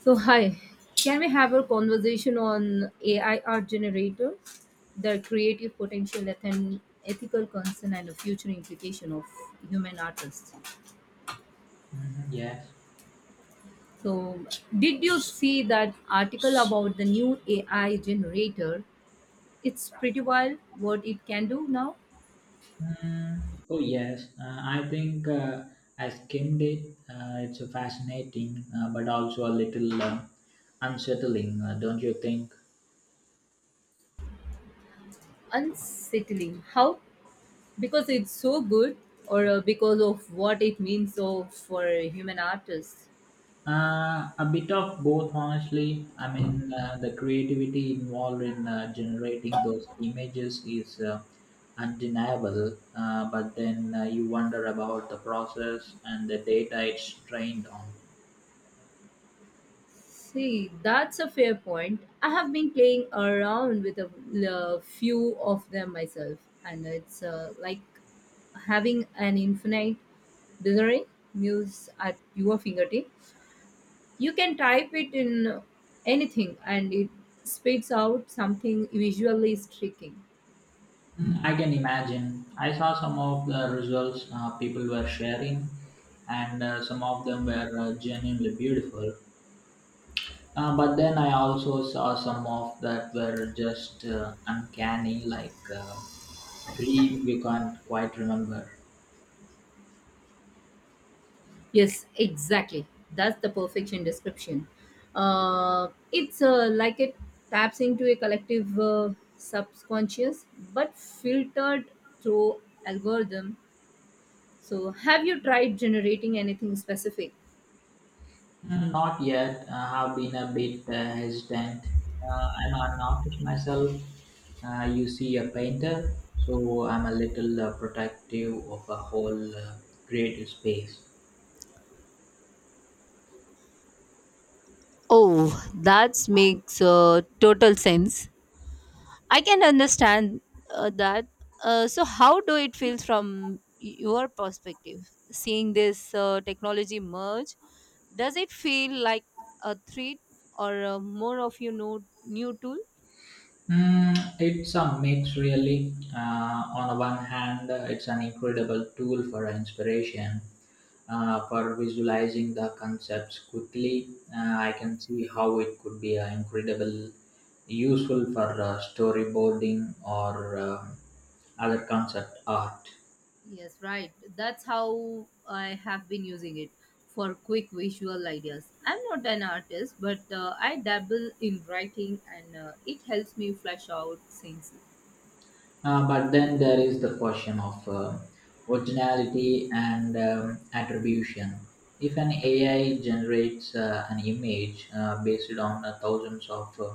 So, hi, can we have a conversation on AI art generator, their creative potential, and ethical concern, and the future implication of human artists? Mhm, yes. So, did you see that article about the new AI generator? It's pretty wild what it can do now. Mm, oh, yes. I think I skimmed it. It's a fascinating, but also a little unsettling, don't you think? Unsettling. How? Because it's so good, or because of what it means so for human artists? A bit of both, honestly. I mean, the creativity involved in generating those images is undeniable, but then you wonder about the process and the data it's trained on. See, that's a fair point. I have been playing around with a few of them myself, and it's like having an infinite dictionary muse at your fingertip. You can type it in anything, and it spits out something visually striking. I can imagine. I saw some of the results people were sharing, and some of them were genuinely beautiful. But then I also saw some of that were just uncanny, like dream you can't quite remember. Yes, exactly. That's the perfection description. It's like it taps into a collective subconscious, but filtered through algorithm. So, have you tried generating anything specific? Mm, not yet. I have been a bit hesitant. I'm an artist myself. You see a painter, so I'm a little protective of a whole creative space. Oh, that makes total sense. I can understand that. So, how do it feel from your perspective, seeing this technology merge? Does it feel like a threat or more of new tool? Mm, it's a mix, really. On the one hand, it's an incredible tool for inspiration, for visualizing the concepts quickly. I can see how it could be incredible useful for storyboarding or other concept art. Yes, right. That's how I have been using it for quick visual ideas. I'm not an artist, but I dabble in writing and it helps me flesh out scenes. But then there is the question of originality and attribution. If an AI generates an image based on thousands of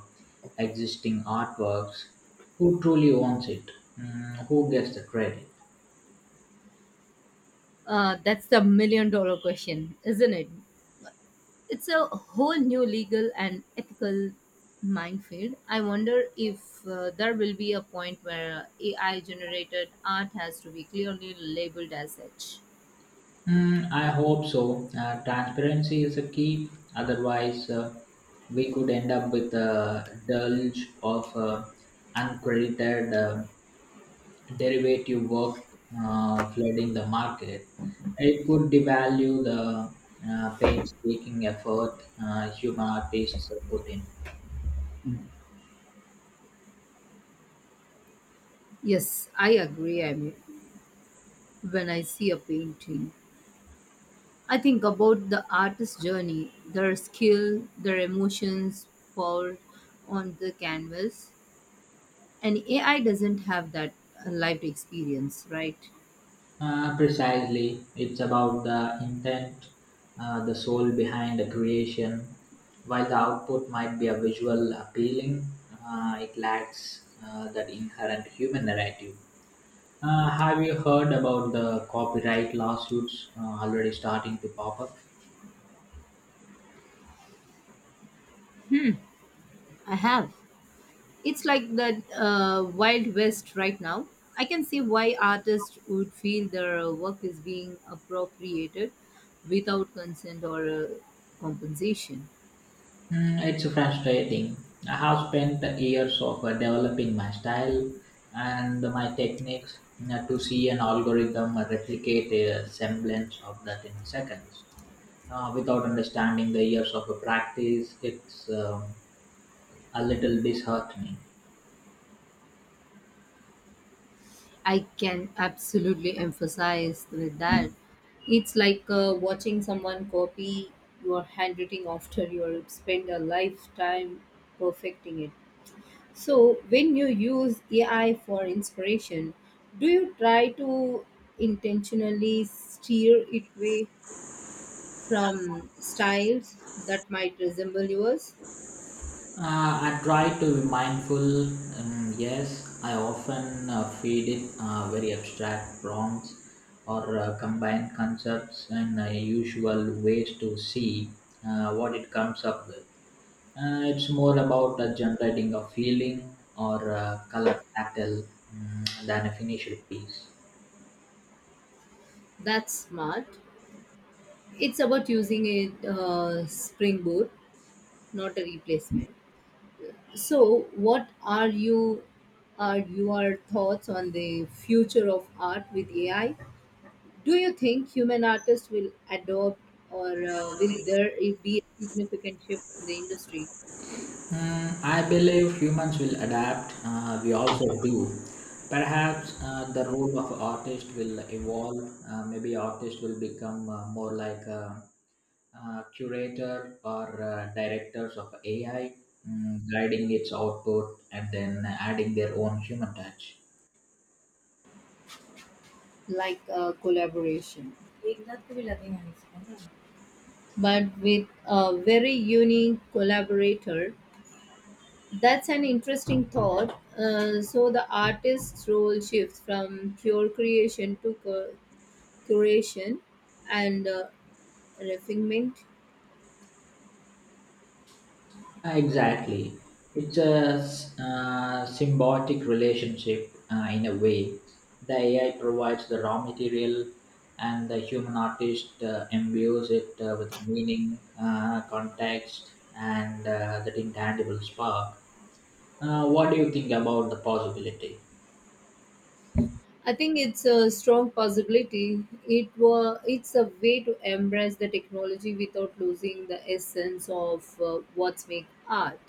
existing artworks, who truly owns it? Mm, who gets the credit? That's the million dollar question, isn't it? It's a whole new legal and ethical minefield. I wonder if there will be a point where AI generated art has to be clearly labeled as such. Mm, I hope so. Transparency is a key. Otherwise, we could end up with a deluge of uncredited derivative work flooding the market. It could devalue the painstaking effort human artists put in. Yes, I agree. I mean, when I see a painting, I think about the artist's journey, their skill, their emotions poured on the canvas. And AI doesn't have that lived experience, right? Precisely, it's about the intent, the soul behind the creation. While the output might be a visual appealing, it lacks that inherent human narrative. Have you heard about the copyright lawsuits already starting to pop up? I have. It's like the Wild West right now. I can see why artists would feel their work is being appropriated without consent or compensation. Mm, it's frustrating. I have spent years of developing my style and my techniques to see an algorithm replicate a semblance of that in seconds. Without understanding the years of practice, it's a little disheartening. I can absolutely emphasize with that. It's like watching someone copy your handwriting after you spend a lifetime perfecting it. So, when you use AI for inspiration, do you try to intentionally steer it away from styles that might resemble yours? I try to be mindful. Yes, I often feed it very abstract prompts or combine concepts and usual ways to see what it comes up with. It's more about generating a feeling or color pattern than a finished piece. That's smart. It's about using a springboard, not a replacement. So, what are you are your thoughts on the future of art with AI? Do you think human artists will adopt, or will there be a significant shift in the industry, Mm, I believe humans will adapt. We also do. Perhaps the role of artist will evolve. Maybe artist will become more like a, curator or directors of AI, guiding its output and then adding their own human touch. like collaboration, but with a very unique collaborator? That's an interesting thought. So the artist's role shifts from pure creation to curation and refinement. Exactly. It's a symbiotic relationship in a way. The AI provides the raw material, and the human artist imbues it with meaning, context, and that intangible spark. What do you think about the possibility? I think it's a strong possibility. It's a way to embrace the technology without losing the essence of what's make art.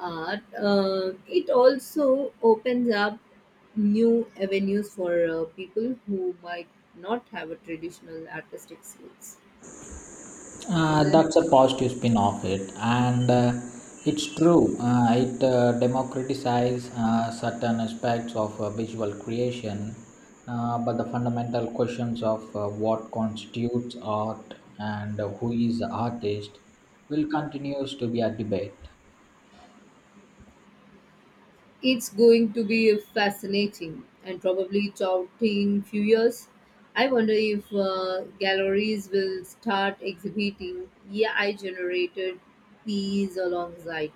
Art. It also opens up new avenues for people who might not have a traditional artistic skills, isn't That's a positive spin of it, and it's true. It democratizes certain aspects of visual creation, but the fundamental questions of what constitutes art and who is the artist will continues to be a debate. It's going to be fascinating and probably challenging few years. I wonder if galleries will start exhibiting AI generated pieces alongside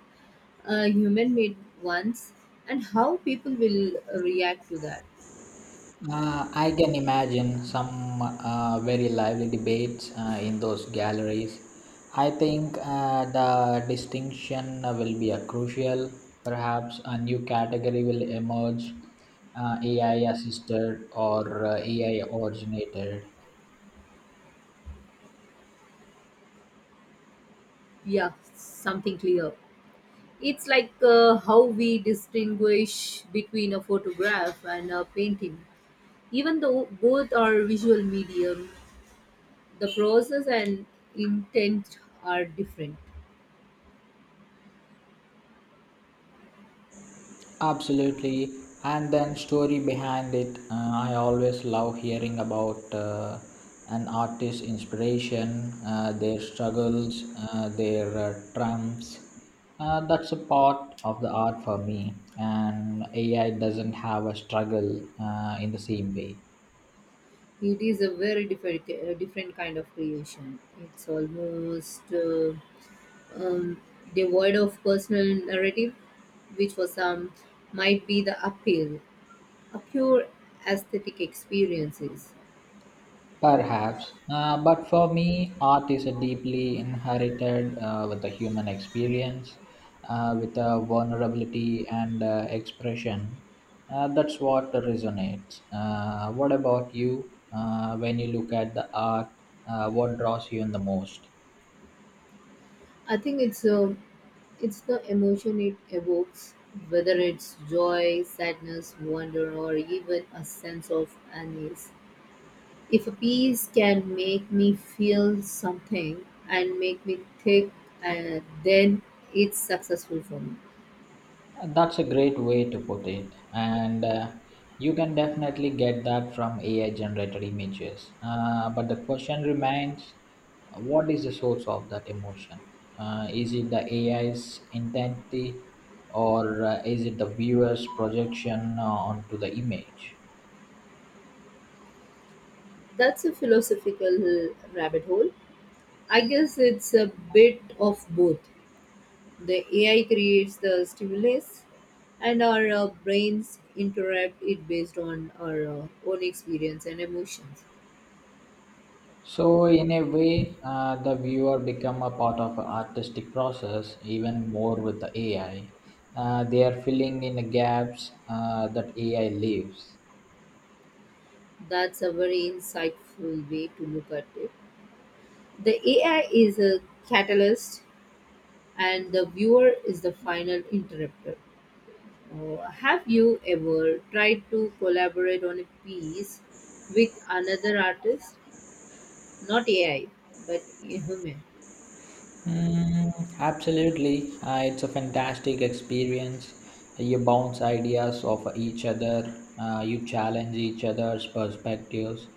human made ones and how people will react to that. I can imagine some very lively debates in those galleries. I think the distinction will be a crucial. Perhaps a new category will emerge, AI assisted or AI originated. Yeah, something clear. It's like how we distinguish between a photograph and a painting, even though both are visual medium. The process and intent are different. Absolutely, and then story behind it. I always love hearing about an artist's inspiration, their struggles, their triumphs. That's a part of the art for me, and AI doesn't have a struggle in the same way. It is a very different kind of creation. It's almost um, devoid of personal narrative, which for some might be the appeal, a pure aesthetic experiences. Perhaps, but for me, art is a deeply inherited with the human experience, with a vulnerability and expression. That's what resonates. What about you? When you look at the art, what draws you in the most? I think it's the emotion it evokes, whether it's joy, sadness, wonder, or even a sense of unease. If a piece can make me feel something and make me think, then it's successful for me. That's a great way to put it. And you can definitely get that from AI generated images. But the question remains what is the source of that emotion? Is it the AI's intent or is it the viewer's projection onto the image? That's a philosophical rabbit hole. I guess it's a bit of both. The AI creates the stimulus, and our brains interrupt it based on our own experience and emotions. So in a way, the viewer become a part of a artistic process even more with the AI. They are filling in the gaps that AI leaves. That's a very insightful way to look at it. The AI is a catalyst and the viewer is the final interrupter. Have you ever tried to collaborate on a piece with another artist? Not AI, but a human. Mm, absolutely. It's a fantastic experience. You bounce ideas off each other, you challenge each other's perspectives.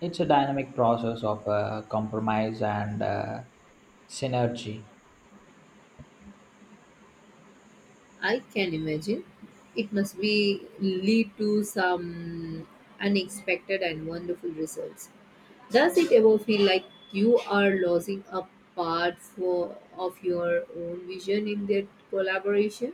It's a dynamic process of compromise and synergy. I can imagine. It must be lead to some unexpected and wonderful results. Does it ever feel like you are losing a part for of your own vision in that collaboration?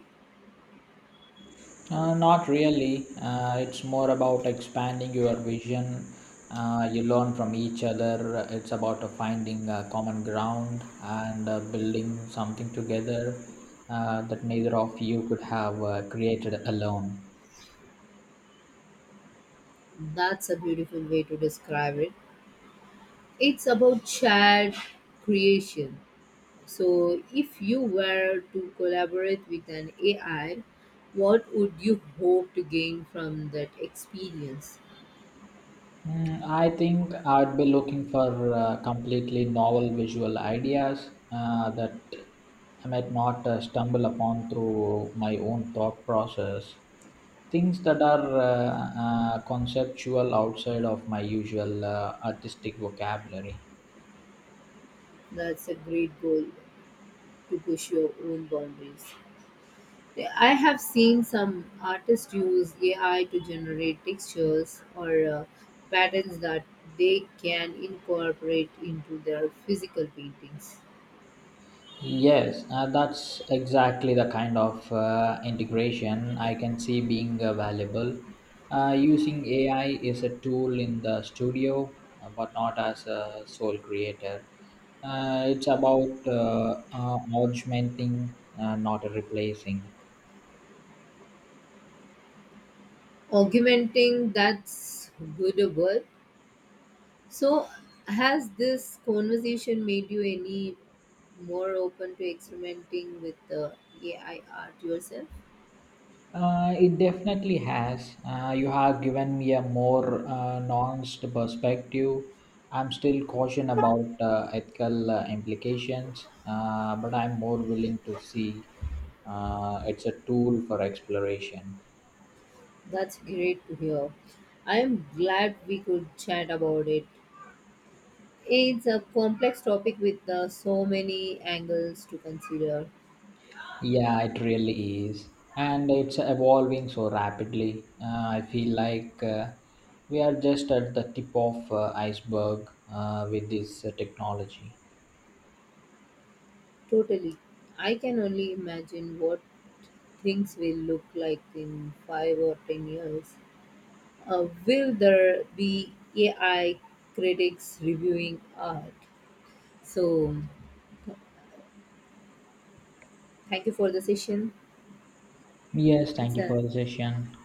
Not really. It's more about expanding your vision. You learn from each other. It's about finding a common ground and building something together that neither of you could have created alone. That's a beautiful way to describe it. It's about shared creation. So, if you were to collaborate with an AI, what would you hope to gain from that experience? Mm, I think I'd be looking for completely novel visual ideas that I might not stumble upon through my own thought process. Things that are conceptual outside of my usual artistic vocabulary. That's a great goal to push your own boundaries. I have seen some artists use AI to generate textures or patterns that they can incorporate into their physical paintings. Yes, that's exactly the kind of integration I can see being valuable. Using AI is a tool in the studio, but not as a sole creator. It's about augmenting, not replacing. Augmenting, that's good a word. So, has this conversation made you any more open to experimenting with the AI art yourself? It definitely has. You have given me a more nuanced perspective. I'm still cautious about ethical implications, but I'm more willing to see it's a tool for exploration. That's great to hear. I'm glad we could chat about it. It's a complex topic with so many angles to consider. Yeah, it really is. And it's evolving so rapidly. I feel like we are just at the tip of iceberg with this technology. Totally. I can only imagine what things will look like in 5 or 10 years. Will there be AI critics reviewing art? So, thank you for the session. Yes, thank It's you a for the session.